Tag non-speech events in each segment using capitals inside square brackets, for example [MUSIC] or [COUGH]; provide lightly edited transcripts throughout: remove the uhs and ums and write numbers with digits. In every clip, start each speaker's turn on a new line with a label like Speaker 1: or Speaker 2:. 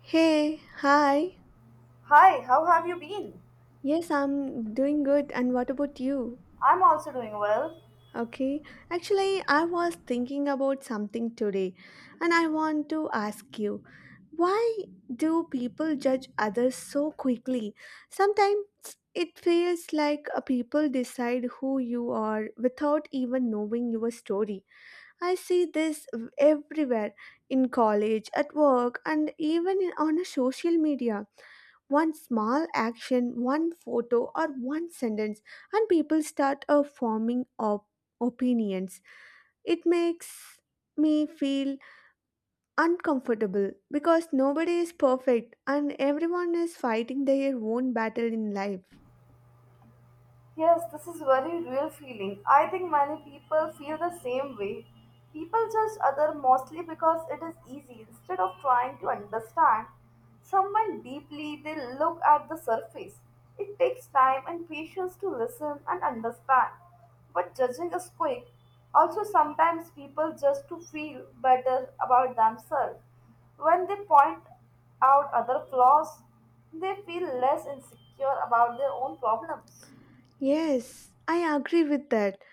Speaker 1: Hey, hi.
Speaker 2: Hi, how have you been?
Speaker 1: Yes, I'm doing good. And what about you?
Speaker 2: I'm also doing well.
Speaker 1: Okay. Actually, I was thinking about something today, and I want to ask you why do people judge others so quickly? Sometimes it feels like a people decide who you are without even knowing your story. I see this everywhere in college, at work, and even in- on a social media. One small action, one photo, or one sentence, and people start forming opinions. It makes me feel uncomfortable because nobody is perfect and everyone is fighting their own battle in life.
Speaker 2: Yes, this is very real feeling. I think many people feel the same way. People judge other mostly because it is easy instead of trying to understand someone deeply. They look at the surface. It takes time and patience to listen and understand. But judging is quick. Also, sometimes people just to feel better about themselves. When they point out other flaws, they feel less insecure about their own problems.
Speaker 1: Yes, I agree with that.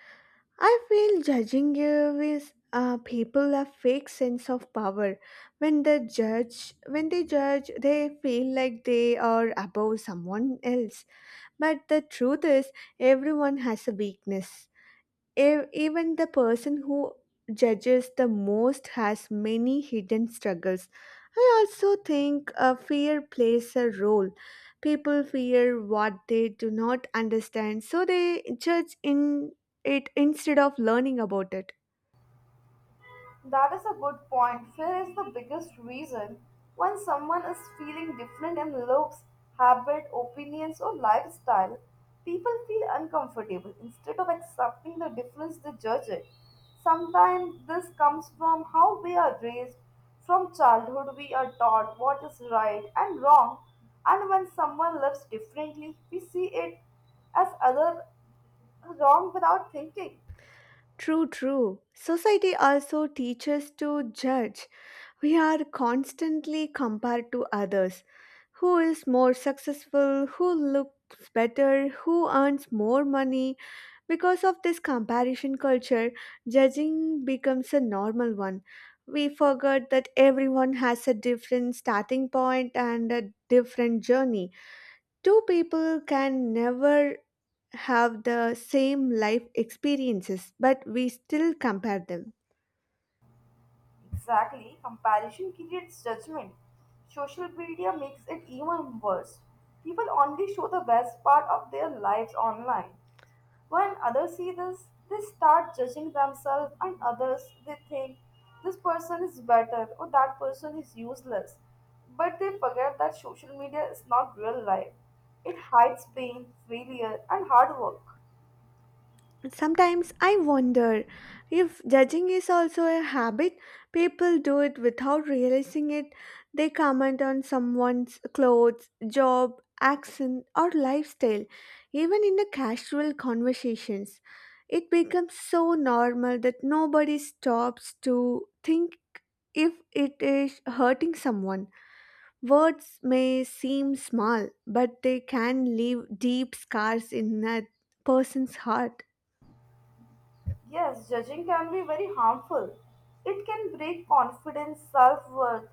Speaker 1: I feel judging you is people a fake sense of power. When they judge, they feel like they are above someone else. But the truth is, everyone has a weakness. Even the person who judges the most has many hidden struggles. I also think fear plays a role. People fear what they do not understand, so they judge in it instead of learning about it.
Speaker 2: That is a good point. Fear is the biggest reason. When someone is feeling different in looks, habit, opinions, or lifestyle, people feel uncomfortable. Instead of accepting the difference, they judge it. Sometimes this comes from how we are raised. From childhood, we are taught what is right and wrong, and when someone lives differently, we see it as other wrong without thinking.
Speaker 1: True, true. Society also teaches to judge. We are constantly compared to others. Who is more successful? Who looks better? Who earns more money? Because of this comparison culture, judging becomes a normal one. We forget that everyone has a different starting point and a different journey. Two people can never have the same life experiences, but we still compare them.
Speaker 2: Exactly, comparison creates judgment. Social media makes it even worse. People only show the best part of their lives online. When others see this, they start judging themselves and others. They think this person is better or that person is useless. But they forget that social media is not real life. It hides pain, failure, and hard work.
Speaker 1: Sometimes I wonder if judging is also a habit. People do it without realizing it. They comment on someone's clothes, job, accent, or lifestyle, even in the casual conversations. It becomes so normal that nobody stops to think if it is hurting someone. Words may seem small, but they can leave deep scars in a person's heart.
Speaker 2: Yes, judging can be very harmful. It can break confidence, self worth.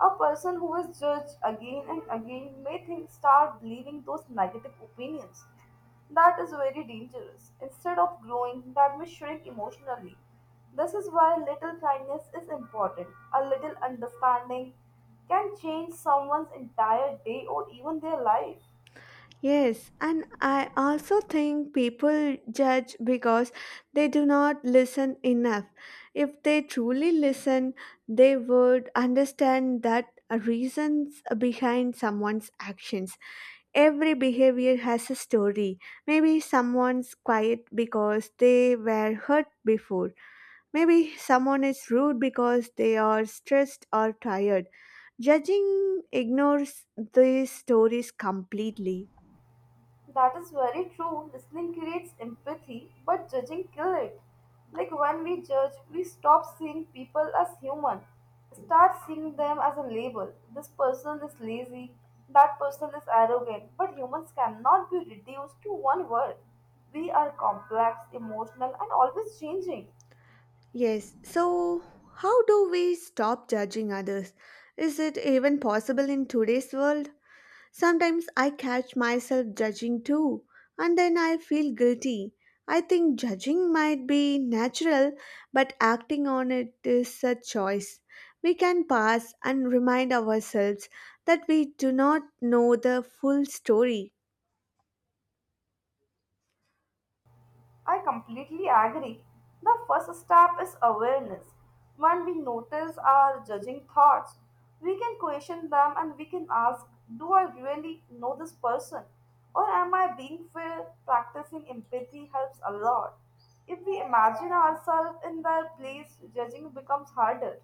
Speaker 2: A person who is judged again and again may think start believing those negative opinions. That is very dangerous. Instead of growing, that may shrink emotionally. This is why little kindness is important. A little understanding can change someone's entire day or even their life.
Speaker 1: Yes, and I also think people judge because they do not listen enough. If they truly listen, they would understand that reasons behind someone's actions. Every behavior has a story. Maybe someone's quiet because they were hurt before. Maybe someone is rude because they are stressed or tired. Judging ignores these stories completely.
Speaker 2: That is very true. Listening creates empathy, but judging kill it. Like when we judge, we stop seeing people as human, start seeing them as a label. This person is lazy, that person is arrogant, but humans cannot be reduced to one word. We are complex, emotional, and always changing.
Speaker 1: Yes, so how do we stop judging others? Is it even possible in today's world? Sometimes I catch myself judging too, and then I feel guilty. I think judging might be natural, but acting on it is a choice. We can pause and remind ourselves that we do not know the full story.
Speaker 2: I completely agree. The first step is awareness. When we notice our judging thoughts, we can question them and we can ask, do I really know this person? Or am I being fair? Practicing empathy helps a lot. If we imagine ourselves in their place, judging becomes harder.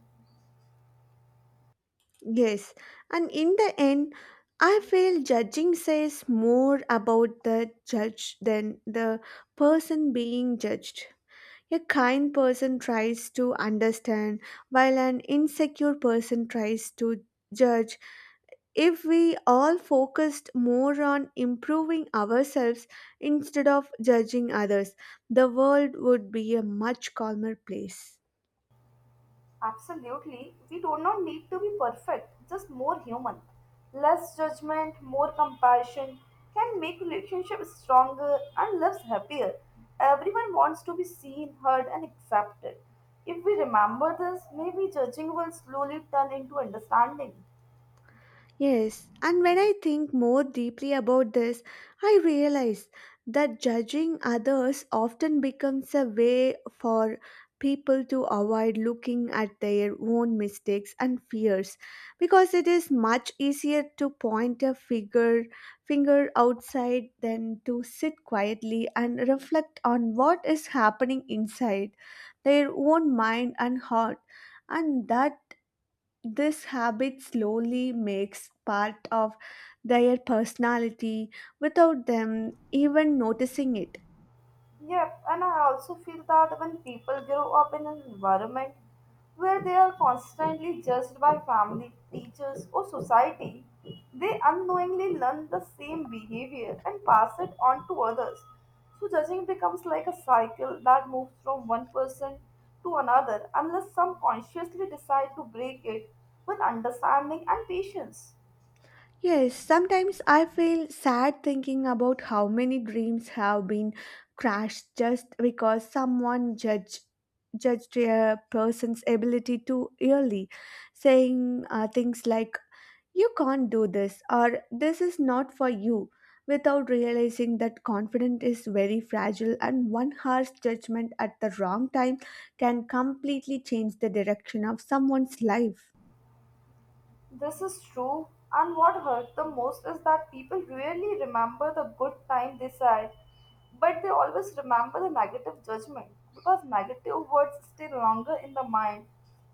Speaker 1: Yes, and in the end, I feel judging says more about the judge than the person being judged. A kind person tries to understand, while an insecure person tries to judge. If we all focused more on improving ourselves instead of judging others, the world would be a much calmer place.
Speaker 2: Absolutely. We do not need to be perfect, just more human. Less judgment, more compassion can make relationships stronger and lives happier. Everyone wants to be seen, heard, and accepted. If we remember this, maybe judging will slowly turn into understanding.
Speaker 1: Yes, and when I think more deeply about this, I realize that judging others often becomes a way for people to avoid looking at their own mistakes and fears because it is much easier to point a figure finger outside than to sit quietly and reflect on what is happening inside their own mind and heart and that this habit slowly makes part of their personality without them even noticing it.
Speaker 2: Yep, and I also feel that when people grow up in an environment where they are constantly judged by family, teachers, or society, they unknowingly learn the same behavior and pass it on to others. So, judging becomes like a cycle that moves from one person to another unless some consciously decide to break it with understanding and patience.
Speaker 1: Yes, sometimes I feel sad thinking about how many dreams have been crashed just because someone judged a person's ability too early, saying things like, "You can't do this," or, "this is not for you," without realizing that confidence is very fragile and one harsh judgment at the wrong time can completely change the direction of someone's life.
Speaker 2: This is true, and what hurt the most is that people rarely remember the good time they said, but they always remember the negative judgment because negative words stay longer in the mind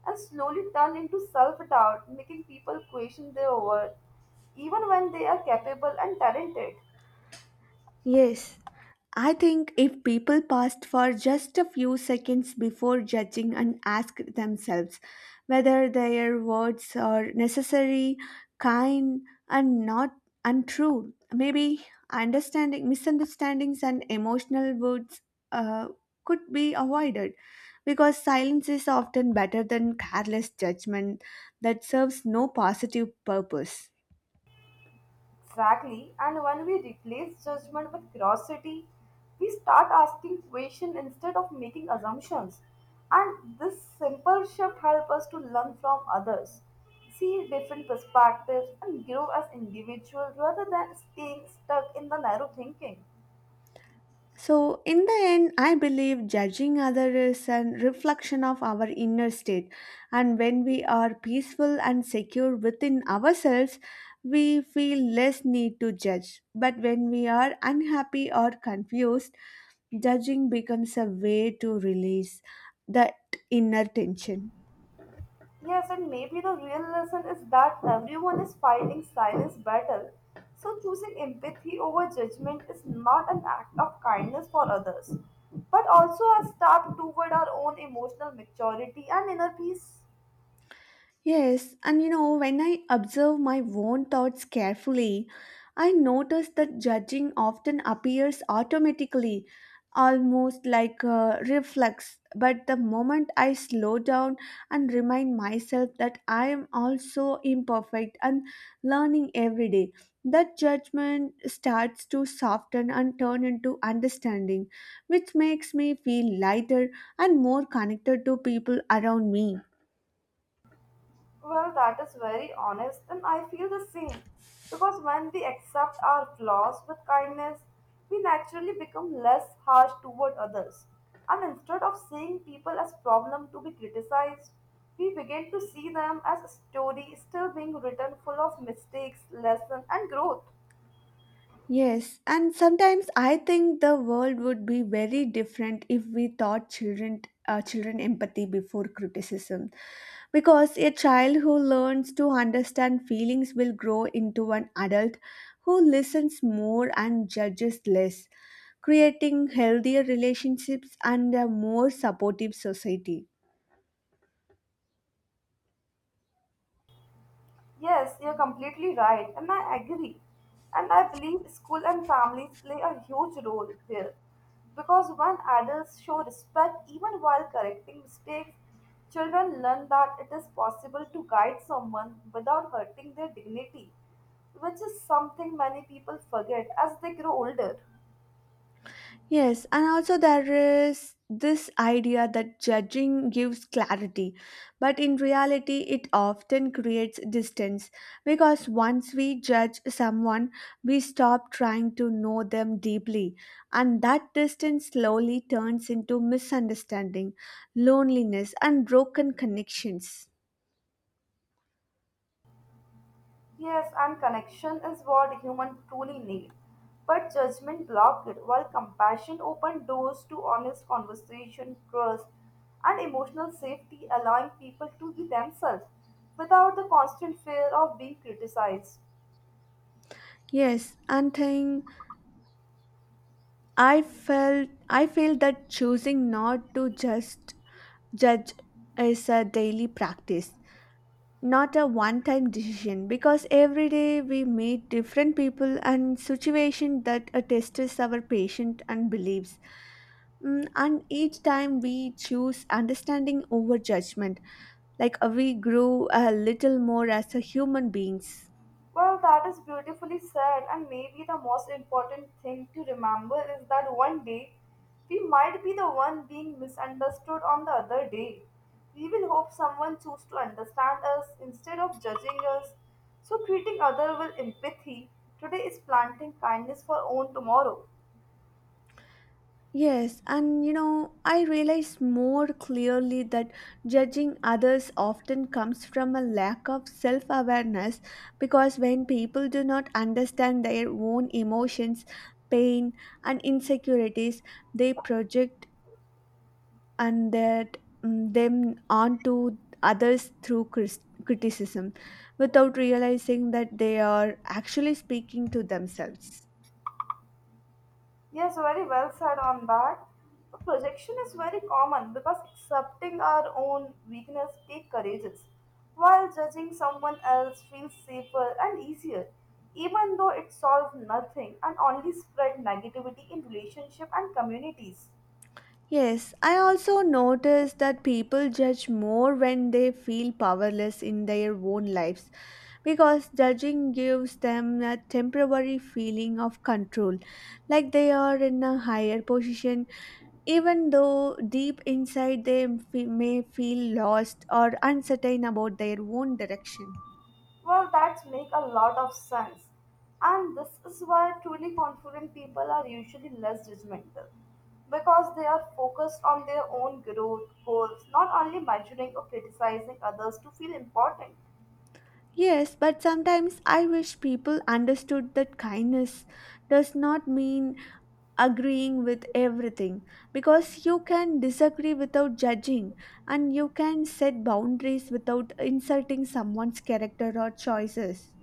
Speaker 2: and slowly turn into self doubt, making people question their worth even when they are capable and talented.
Speaker 1: Yes, I think if people paused for just a few seconds before judging and asked themselves whether their words are necessary, kind, and not untrue, maybe understanding misunderstandings and emotional words uh, could be avoided because silence is often better than careless judgment that serves no positive purpose.
Speaker 2: Exactly, and when we replace judgment with curiosity, we start asking questions instead of making assumptions. And this simple shift helps us to learn from others, see different perspectives, and grow as individuals rather than staying stuck in the narrow thinking.
Speaker 1: So, in the end, I believe judging others is a reflection of our inner state. And when we are peaceful and secure within ourselves, we feel less need to judge. But when we are unhappy or confused, judging becomes a way to release that inner tension.
Speaker 2: Yes, and maybe the real lesson is that everyone is fighting silence battle. So choosing empathy over judgment is not an act of kindness for others, but also a step toward our own emotional maturity and inner peace.
Speaker 1: Yes, and you know, when I observe my own thoughts carefully, I notice that judging often appears automatically, almost like a reflex. But the moment I slow down and remind myself that I am also imperfect and learning every day, that judgment starts to soften and turn into understanding, which makes me feel lighter and more connected to people around me.
Speaker 2: Well, that is very honest, and I feel the same. Because when we accept our flaws with kindness, we naturally become less harsh toward others. And instead of seeing people as problem to be criticized, we begin to see them as a story still being written full of mistakes, lesson, and growth.
Speaker 1: Yes, and sometimes I think the world would be very different if we taught children empathy before criticism because a child who learns to understand feelings will grow into an adult who listens more and judges less, creating healthier relationships and a more supportive society.
Speaker 2: Yes, you're completely right, and I agree. And I believe school and families play a huge role here. Because when adults show respect even while correcting mistakes, children learn that it is possible to guide someone without hurting their dignity, which is something many people forget as they grow older.
Speaker 1: Yes, and also there is this idea that judging gives clarity, but in reality, it often creates distance because once we judge someone, we stop trying to know them deeply, and that distance slowly turns into misunderstanding, loneliness, and broken connections.
Speaker 2: Yes, and connection is what humans truly need. But judgment blocked it, while compassion opened doors to honest conversation, trust, and emotional safety, allowing people to be themselves without the constant fear of being criticized.
Speaker 1: Yes, and thing I feel that choosing not to just judge is a daily practice, not a one time [LAUGHS] decision, because every day we meet different people and situations that tests our patience and beliefs. Mm, and each time we choose understanding over judgment, we grow a little more as a human beings.
Speaker 2: Well, that is beautifully said, and maybe the most important thing to remember is that one day we might be the one being misunderstood on the other day. We will hope someone chooses to understand us instead of judging us. So treating other with empathy today is planting kindness for own tomorrow.
Speaker 1: Yes, and you know, I realize more clearly that judging others often comes from a lack of self awareness because when people do not understand their own emotions, pain, and insecurities, they project and that them onto others through criticism without realizing that they are actually speaking to themselves.
Speaker 2: Yes, very well said on that. The projection is very common because accepting our own weakness takes courage, while judging someone else feels safer and easier, even though it solves nothing and only spread negativity in relationship and communities.
Speaker 1: Yes, I also notice that people judge more when they feel powerless in their own lives because judging gives them a temporary feeling of control, like they are in a higher position, even though deep inside they may feel lost or uncertain about their own direction.
Speaker 2: Well, that make a lot of sense. And this is why truly confident people are usually less judgmental because they are focused on their own growth goals, not only measuring or criticizing others to feel important.
Speaker 1: Yes, but sometimes I wish people understood that kindness does not mean agreeing with everything because you can disagree without judging and you can set boundaries without insulting someone's character or choices.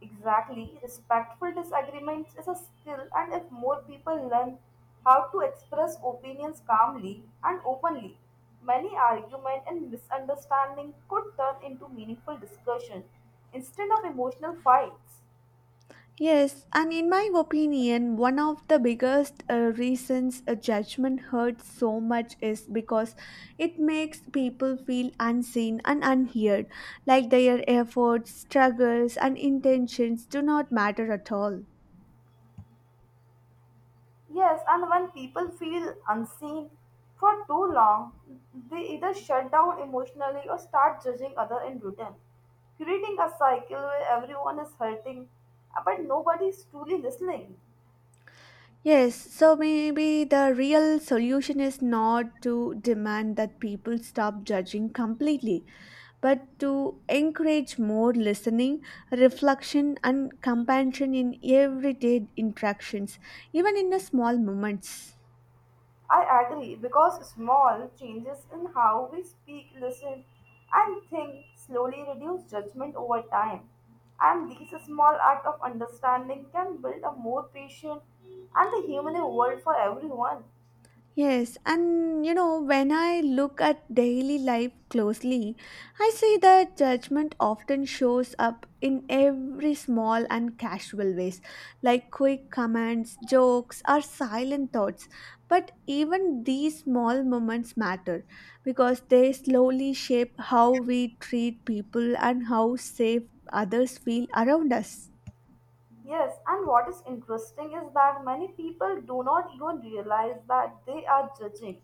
Speaker 2: Exactly, respectful disagreements is a skill, and if more people learn how to express opinions calmly and openly, many arguments and misunderstandings could turn into meaningful discussion instead of emotional fights.
Speaker 1: Yes, and in my opinion, one of the biggest reasons a judgment hurts so much is because it makes people feel unseen and unheard, like their efforts, struggles, and intentions do not matter at all.
Speaker 2: Yes, and when people feel unseen for too long, they either shut down emotionally or start judging other in return, creating a cycle where everyone is hurting but nobody is truly listening.
Speaker 1: Yes, so maybe the real solution is not to demand that people stop judging completely, but to encourage more listening, reflection, and compassion in everyday interactions, even in the small moments.
Speaker 2: I agree because small changes in how we speak, listen, and think slowly reduce judgment over time. And these small acts of understanding can build a more patient and a humane world for everyone.
Speaker 1: Yes, and you know, when I look at daily life closely, I see that judgment often shows up in every small and casual ways, like quick comments, jokes, or silent thoughts. But even these small moments matter because they slowly shape how we treat people and how safe others feel around us.
Speaker 2: Yes, and what is interesting is that many people do not even realize that they are judging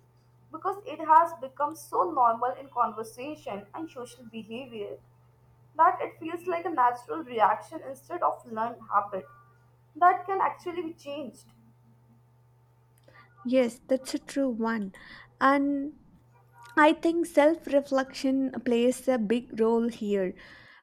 Speaker 2: because it has become so normal in conversation and social behavior that it feels like a natural reaction instead of learned habit that can actually be changed.
Speaker 1: Yes, that's a true one. And I think self reflection plays a big role here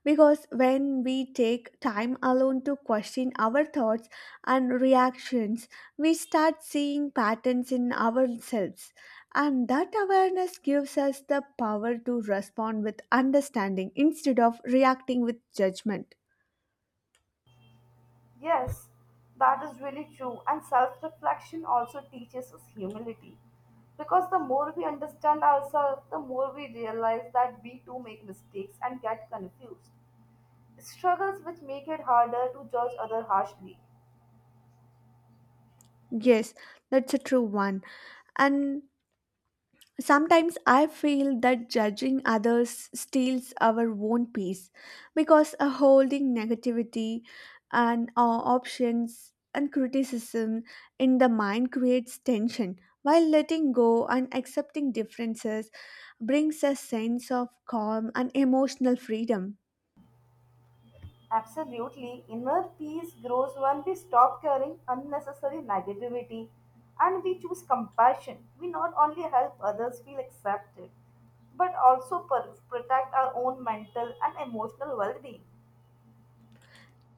Speaker 1: because when we take time alone to question our thoughts and reactions, we start seeing patterns in ourselves. And that awareness gives us the power to respond with understanding instead of reacting with judgment.
Speaker 2: Yes, that is really true, and self reflection also teaches us humility because the more we understand ourselves, the more we realize that we too make mistakes and get confused struggles which make it harder to judge others harshly.
Speaker 1: Yes, that's a true one. And sometimes I feel that judging others steals our own peace because a holding negativity and options and criticism in the mind creates tension, while letting go and accepting differences brings a sense of calm and emotional freedom.
Speaker 2: Absolutely, inner peace grows when we stop carrying unnecessary negativity and we choose compassion. We not only help others feel accepted, but also protect our own mental and emotional well-being.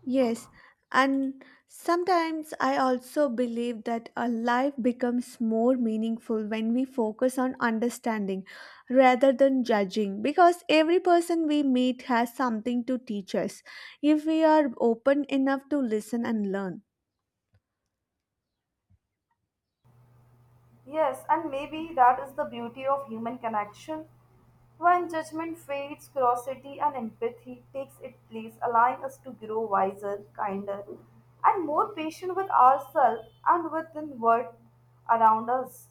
Speaker 1: Yes, and sometimes I also believe that a life becomes more meaningful when we focus on understanding rather than judging because every person we meet has something to teach us if we are open enough to listen and learn.
Speaker 2: Yes, and maybe that is the beauty of human connection. When judgment fades, curiosity and empathy takes its place, allowing us to grow wiser, kinder, and more patient with ourselves and with the world around us.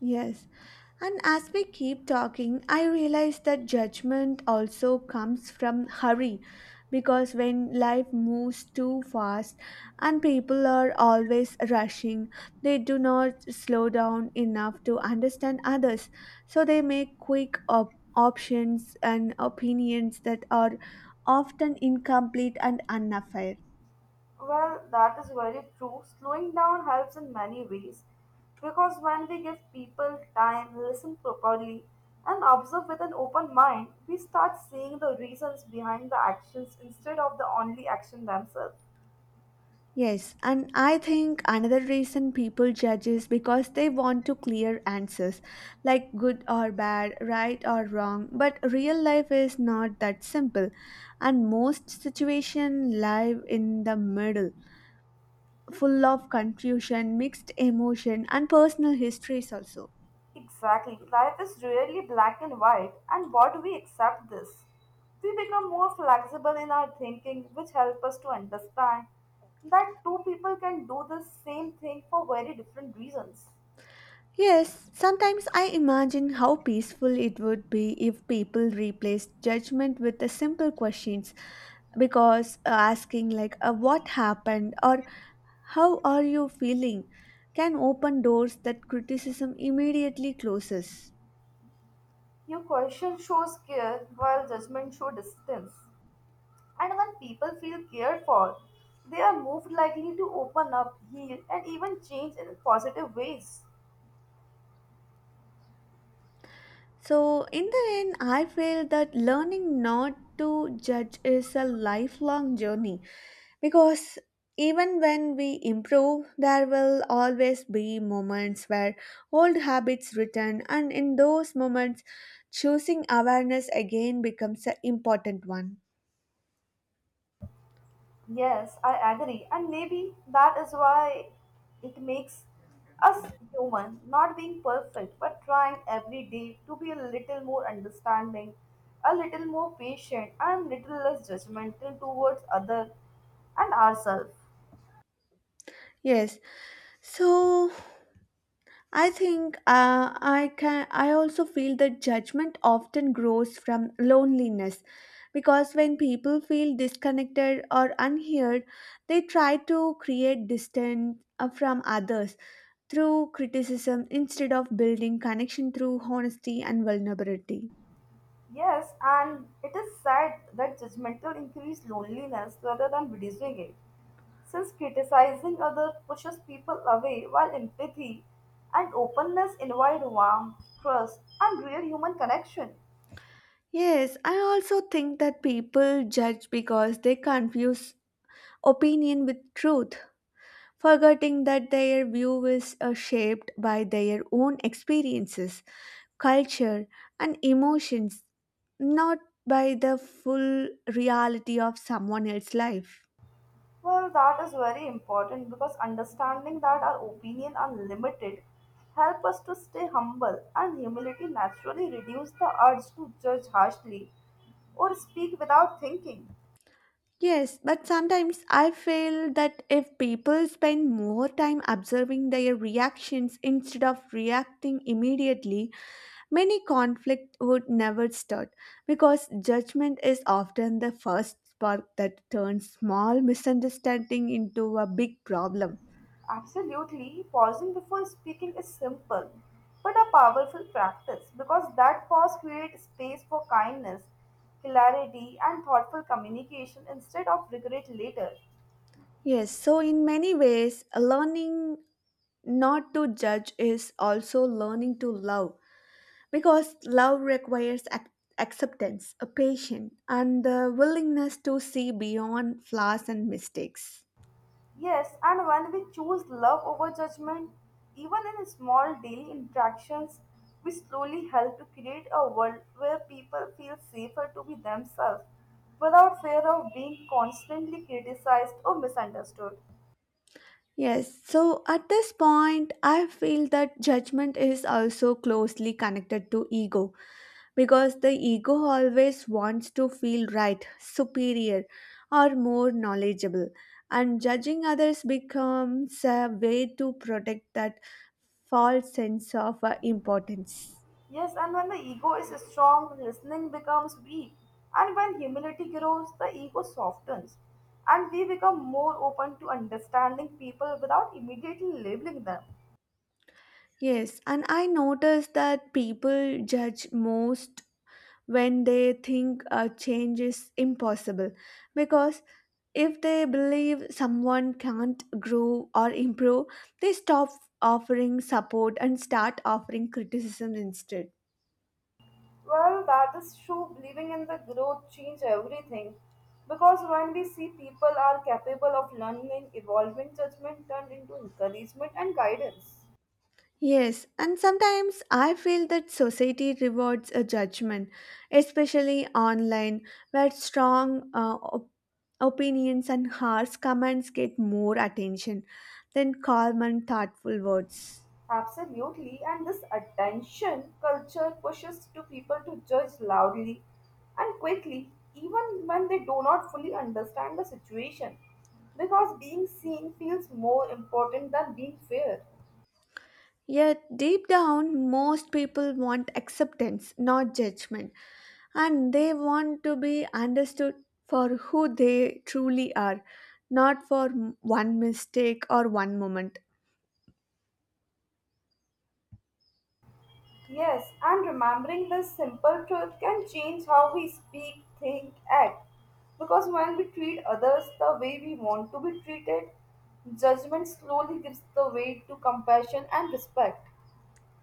Speaker 1: Yes. And as we keep talking, I realize that judgment also comes from hurry because when life moves too fast and people are always rushing, they do not slow down enough to understand others. So they make quick options and opinions that are often incomplete and unfair.
Speaker 2: Well, that is very true. Slowing down helps in many ways because when we give people time, listen properly, and observe with an open mind, we start seeing the reasons behind the actions instead of the only action themselves.
Speaker 1: Yes, and I think another reason people judge is because they want to clear answers, like good or bad, right or wrong. But real life is not that simple, and most situations lie in the middle, full of confusion, mixed emotion, and personal histories also.
Speaker 2: Exactly. Life is really black and white, and what we accept this, we become more flexible in our thinking, which help us to understand that two people can do the same thing for very different reasons.
Speaker 1: Yes, sometimes I imagine how peaceful it would be if people replaced judgment with the simple questions because asking like, "what happened," or, "how are you feeling," can open doors that criticism immediately closes.
Speaker 2: Your question shows care, while judgment shows distance. And when people feel cared for, they are more likely to open up, heal, and even change in positive ways.
Speaker 1: So in the end I feel that learning not to judge is a lifelong journey because even when we improve, there will always be moments where old habits return, and in those moments, choosing awareness again becomes an important one.
Speaker 2: Yes, I agree. And maybe that is why it makes us human, not being perfect, but trying every day to be a little more understanding, a little more patient, and little less judgmental towards other and ourselves.
Speaker 1: Yes, so I think I can. I also feel that judgment often grows from loneliness, because when people feel disconnected or unheard, they try to create distance from others through criticism instead of building connection through honesty and vulnerability.
Speaker 2: Yes, and it is sad that judgmental increase loneliness rather than reducing it. Since criticizing others pushes people away, while empathy and openness invite warmth, trust, and real human connection.
Speaker 1: Yes, I also think that people judge because they confuse opinion with truth, forgetting that their view is shaped by their own experiences, culture, and emotions, not by the full reality of someone else's life.
Speaker 2: Well, that is very important because understanding that our opinion are limited help us to stay humble, and humility naturally reduce the urge to judge harshly or speak without thinking.
Speaker 1: Yes, but sometimes I feel that if people spend more time observing their reactions instead of reacting immediately, many conflict would never start because judgment is often the first spark that turns small misunderstanding into a big problem.
Speaker 2: Absolutely, pausing before speaking is simple but a powerful practice because that pause creates space for kindness, clarity, and thoughtful communication instead of regret later.
Speaker 1: Yes, so in many ways, learning not to judge is also learning to love because love requires acceptance, a patience, and the willingness to see beyond flaws and mistakes.
Speaker 2: Yes, and when we choose love over judgment, even in small daily interactions, we slowly help to create a world where people feel safer to be themselves without fear of being constantly criticized or misunderstood.
Speaker 1: Yes, so at this point, I feel that judgment is also closely connected to ego because the ego always wants to feel right, superior, or more knowledgeable, and judging others becomes a way to protect that false sense of importance.
Speaker 2: Yes, and when the ego is strong, listening becomes weak. And when humility grows, the ego softens. And we become more open to understanding people without immediately labeling them.
Speaker 1: Yes, and I noticed that people judge most when they think a change is impossible because if they believe someone can't grow or improve, they stop offering support and start offering criticism instead.
Speaker 2: Well, that is true. Believing in the growth change everything. Because when we see people are capable of learning, evolving, judgment turned into encouragement and guidance.
Speaker 1: Yes, and sometimes I feel that society rewards a judgment, especially online, where strong opinions and harsh comments get more attention than calm and thoughtful words.
Speaker 2: Absolutely, and this attention culture pushes to people to judge loudly and quickly, even when they do not fully understand the situation, because being seen feels more important than being fair.
Speaker 1: Yet, deep down, most people want acceptance, not judgment, and they want to be understood for who they truly are, not for one mistake or one moment.
Speaker 2: Yes, and remembering this simple truth can change how we speak, think, act, because when we treat others the way we want to be treated, judgment slowly gives the way to compassion and respect.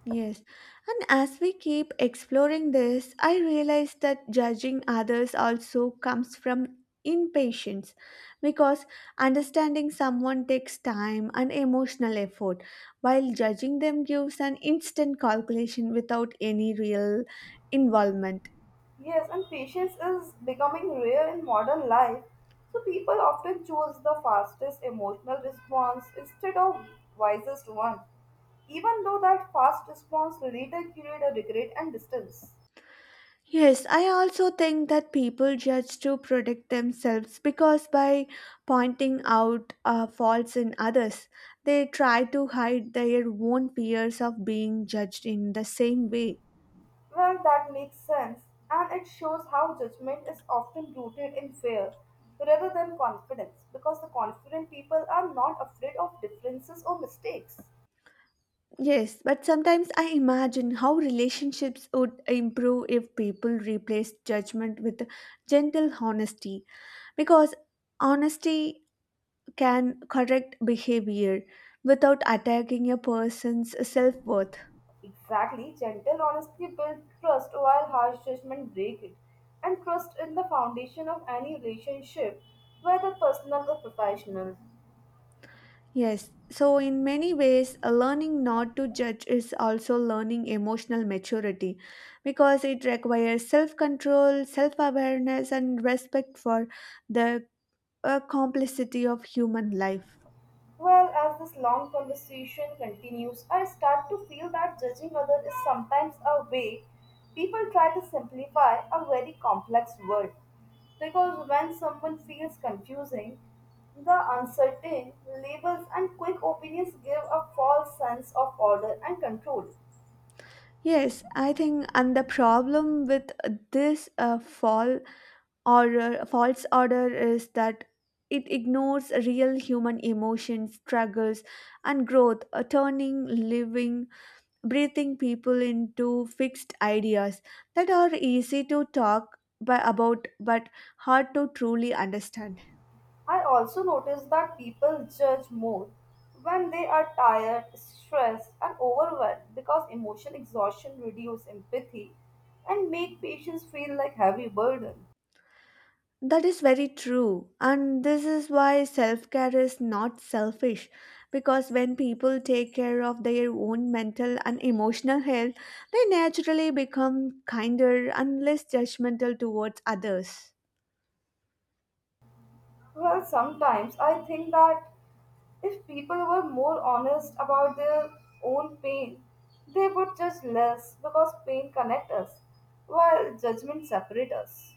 Speaker 1: Yes. And as we keep exploring this, I realize that judging others also comes from impatience because understanding someone takes time and emotional effort, while judging them gives an instant calculation without any real involvement.
Speaker 2: Yes, and patience is becoming rare in modern life. So people often choose the fastest emotional response instead of wisest one, even though that fast response later create a regret and distance.
Speaker 1: Yes, I also think that people judge to protect themselves because by pointing out faults in others, they try to hide their own fears of being judged in the same way.
Speaker 2: Well, that makes sense, and it shows how judgment is often rooted in fear rather than confidence, because the confident people are not afraid of differences or mistakes.
Speaker 1: Yes, but sometimes I imagine how relationships would improve if people replaced judgment with gentle honesty because honesty can correct behavior without attacking a person's self worth.
Speaker 2: Exactly, gentle honesty builds trust while harsh judgment break it. And trust is the foundation of any relationship, whether personal or professional.
Speaker 1: Yes, so in many ways, a learning not to judge is also learning emotional maturity because it requires self control, self awareness, and respect for the complexity of human life.
Speaker 2: Well, as this long conversation continues, I start to feel that judging others is sometimes a way people try to simplify a very complex world. Because when someone feels confusing, the uncertain labels and quick opinions give a false sense of order and control.
Speaker 1: Yes, I think, and the problem with this fall order, false order is that it ignores real human emotions, struggles, and growth, turning living breathing people into fixed ideas that are easy to talk by, about, but hard to truly understand.
Speaker 2: I also notice that people judge more when they are tired, stressed, and overwhelmed because emotional exhaustion reduces empathy and make patients feel like heavy burden.
Speaker 1: That is very true, and this is why self care is not selfish because when people take care of their own mental and emotional health, they naturally become kinder and less judgmental towards others.
Speaker 2: Well, sometimes I think that if people were more honest about their own pain, they would judge less because pain connects us, while judgment separates us.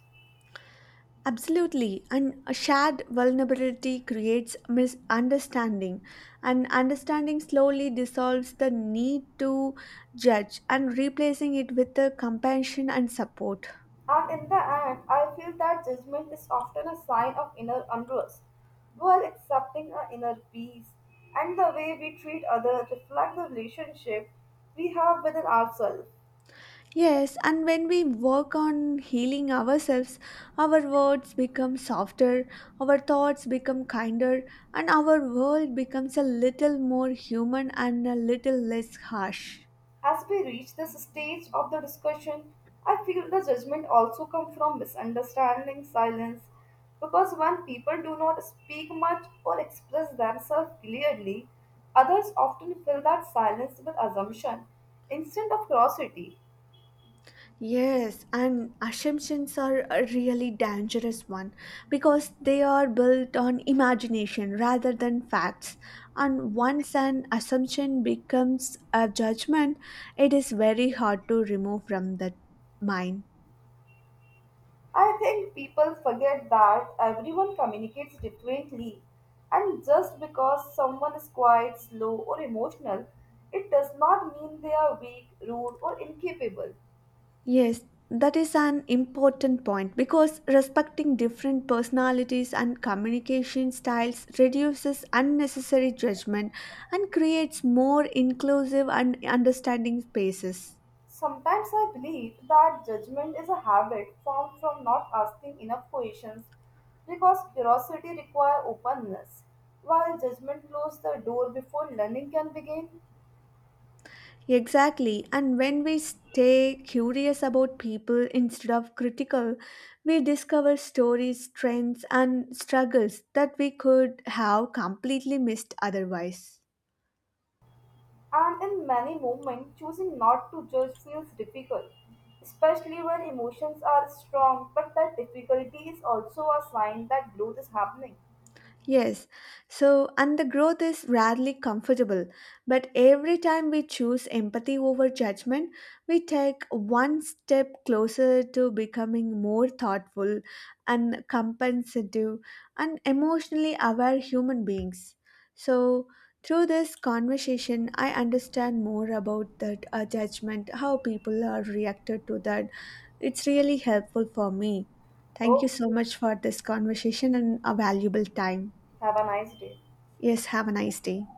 Speaker 1: Absolutely. And a shared vulnerability creates misunderstanding, and understanding slowly dissolves the need to judge, and replacing it with the compassion and support.
Speaker 2: And in the end, I feel that judgment is often a sign of inner unrest. While accepting our inner peace and the way we treat others reflect the relationship we have within ourselves.
Speaker 1: Yes, and when we work on healing ourselves, our words become softer, our thoughts become kinder, and our world becomes a little more human and a little less harsh.
Speaker 2: As we reach this stage of the discussion, I feel the judgment also comes from misunderstanding, silence, because when people do not speak much or express themselves clearly, others often fill that silence with assumption instead of curiosity.
Speaker 1: Yes, and assumptions are a really dangerous one because they are built on imagination rather than facts. And once an assumption becomes a judgment, it is very hard to remove from the mind.
Speaker 2: I think people forget that everyone communicates differently, and just because someone is quiet, slow, or emotional, it does not mean they are weak, rude, or incapable.
Speaker 1: Yes, that is an important point because respecting different personalities and communication styles reduces unnecessary judgment and creates more inclusive and understanding spaces.
Speaker 2: Sometimes I believe that judgment is a habit formed from not asking enough questions because curiosity requires openness, while judgment closes the door before learning can begin.
Speaker 1: Exactly. And when we stay curious about people instead of critical, we discover stories, trends, and struggles that we could have completely missed otherwise.
Speaker 2: And in many moments, choosing not to judge feels difficult, especially when emotions are strong, but that difficulty is also a sign that growth is happening.
Speaker 1: Yes, so and the growth is rarely comfortable, but every time we choose empathy over judgment, we take one step closer to becoming more thoughtful and compensative and emotionally aware human beings. So, through this conversation, I understand more about that judgment, how people are reacted to that. It's really helpful for me. Thank you so
Speaker 2: Okay,
Speaker 1: much for this conversation and a valuable time.
Speaker 2: have a nice day.
Speaker 1: Yes, have a nice day.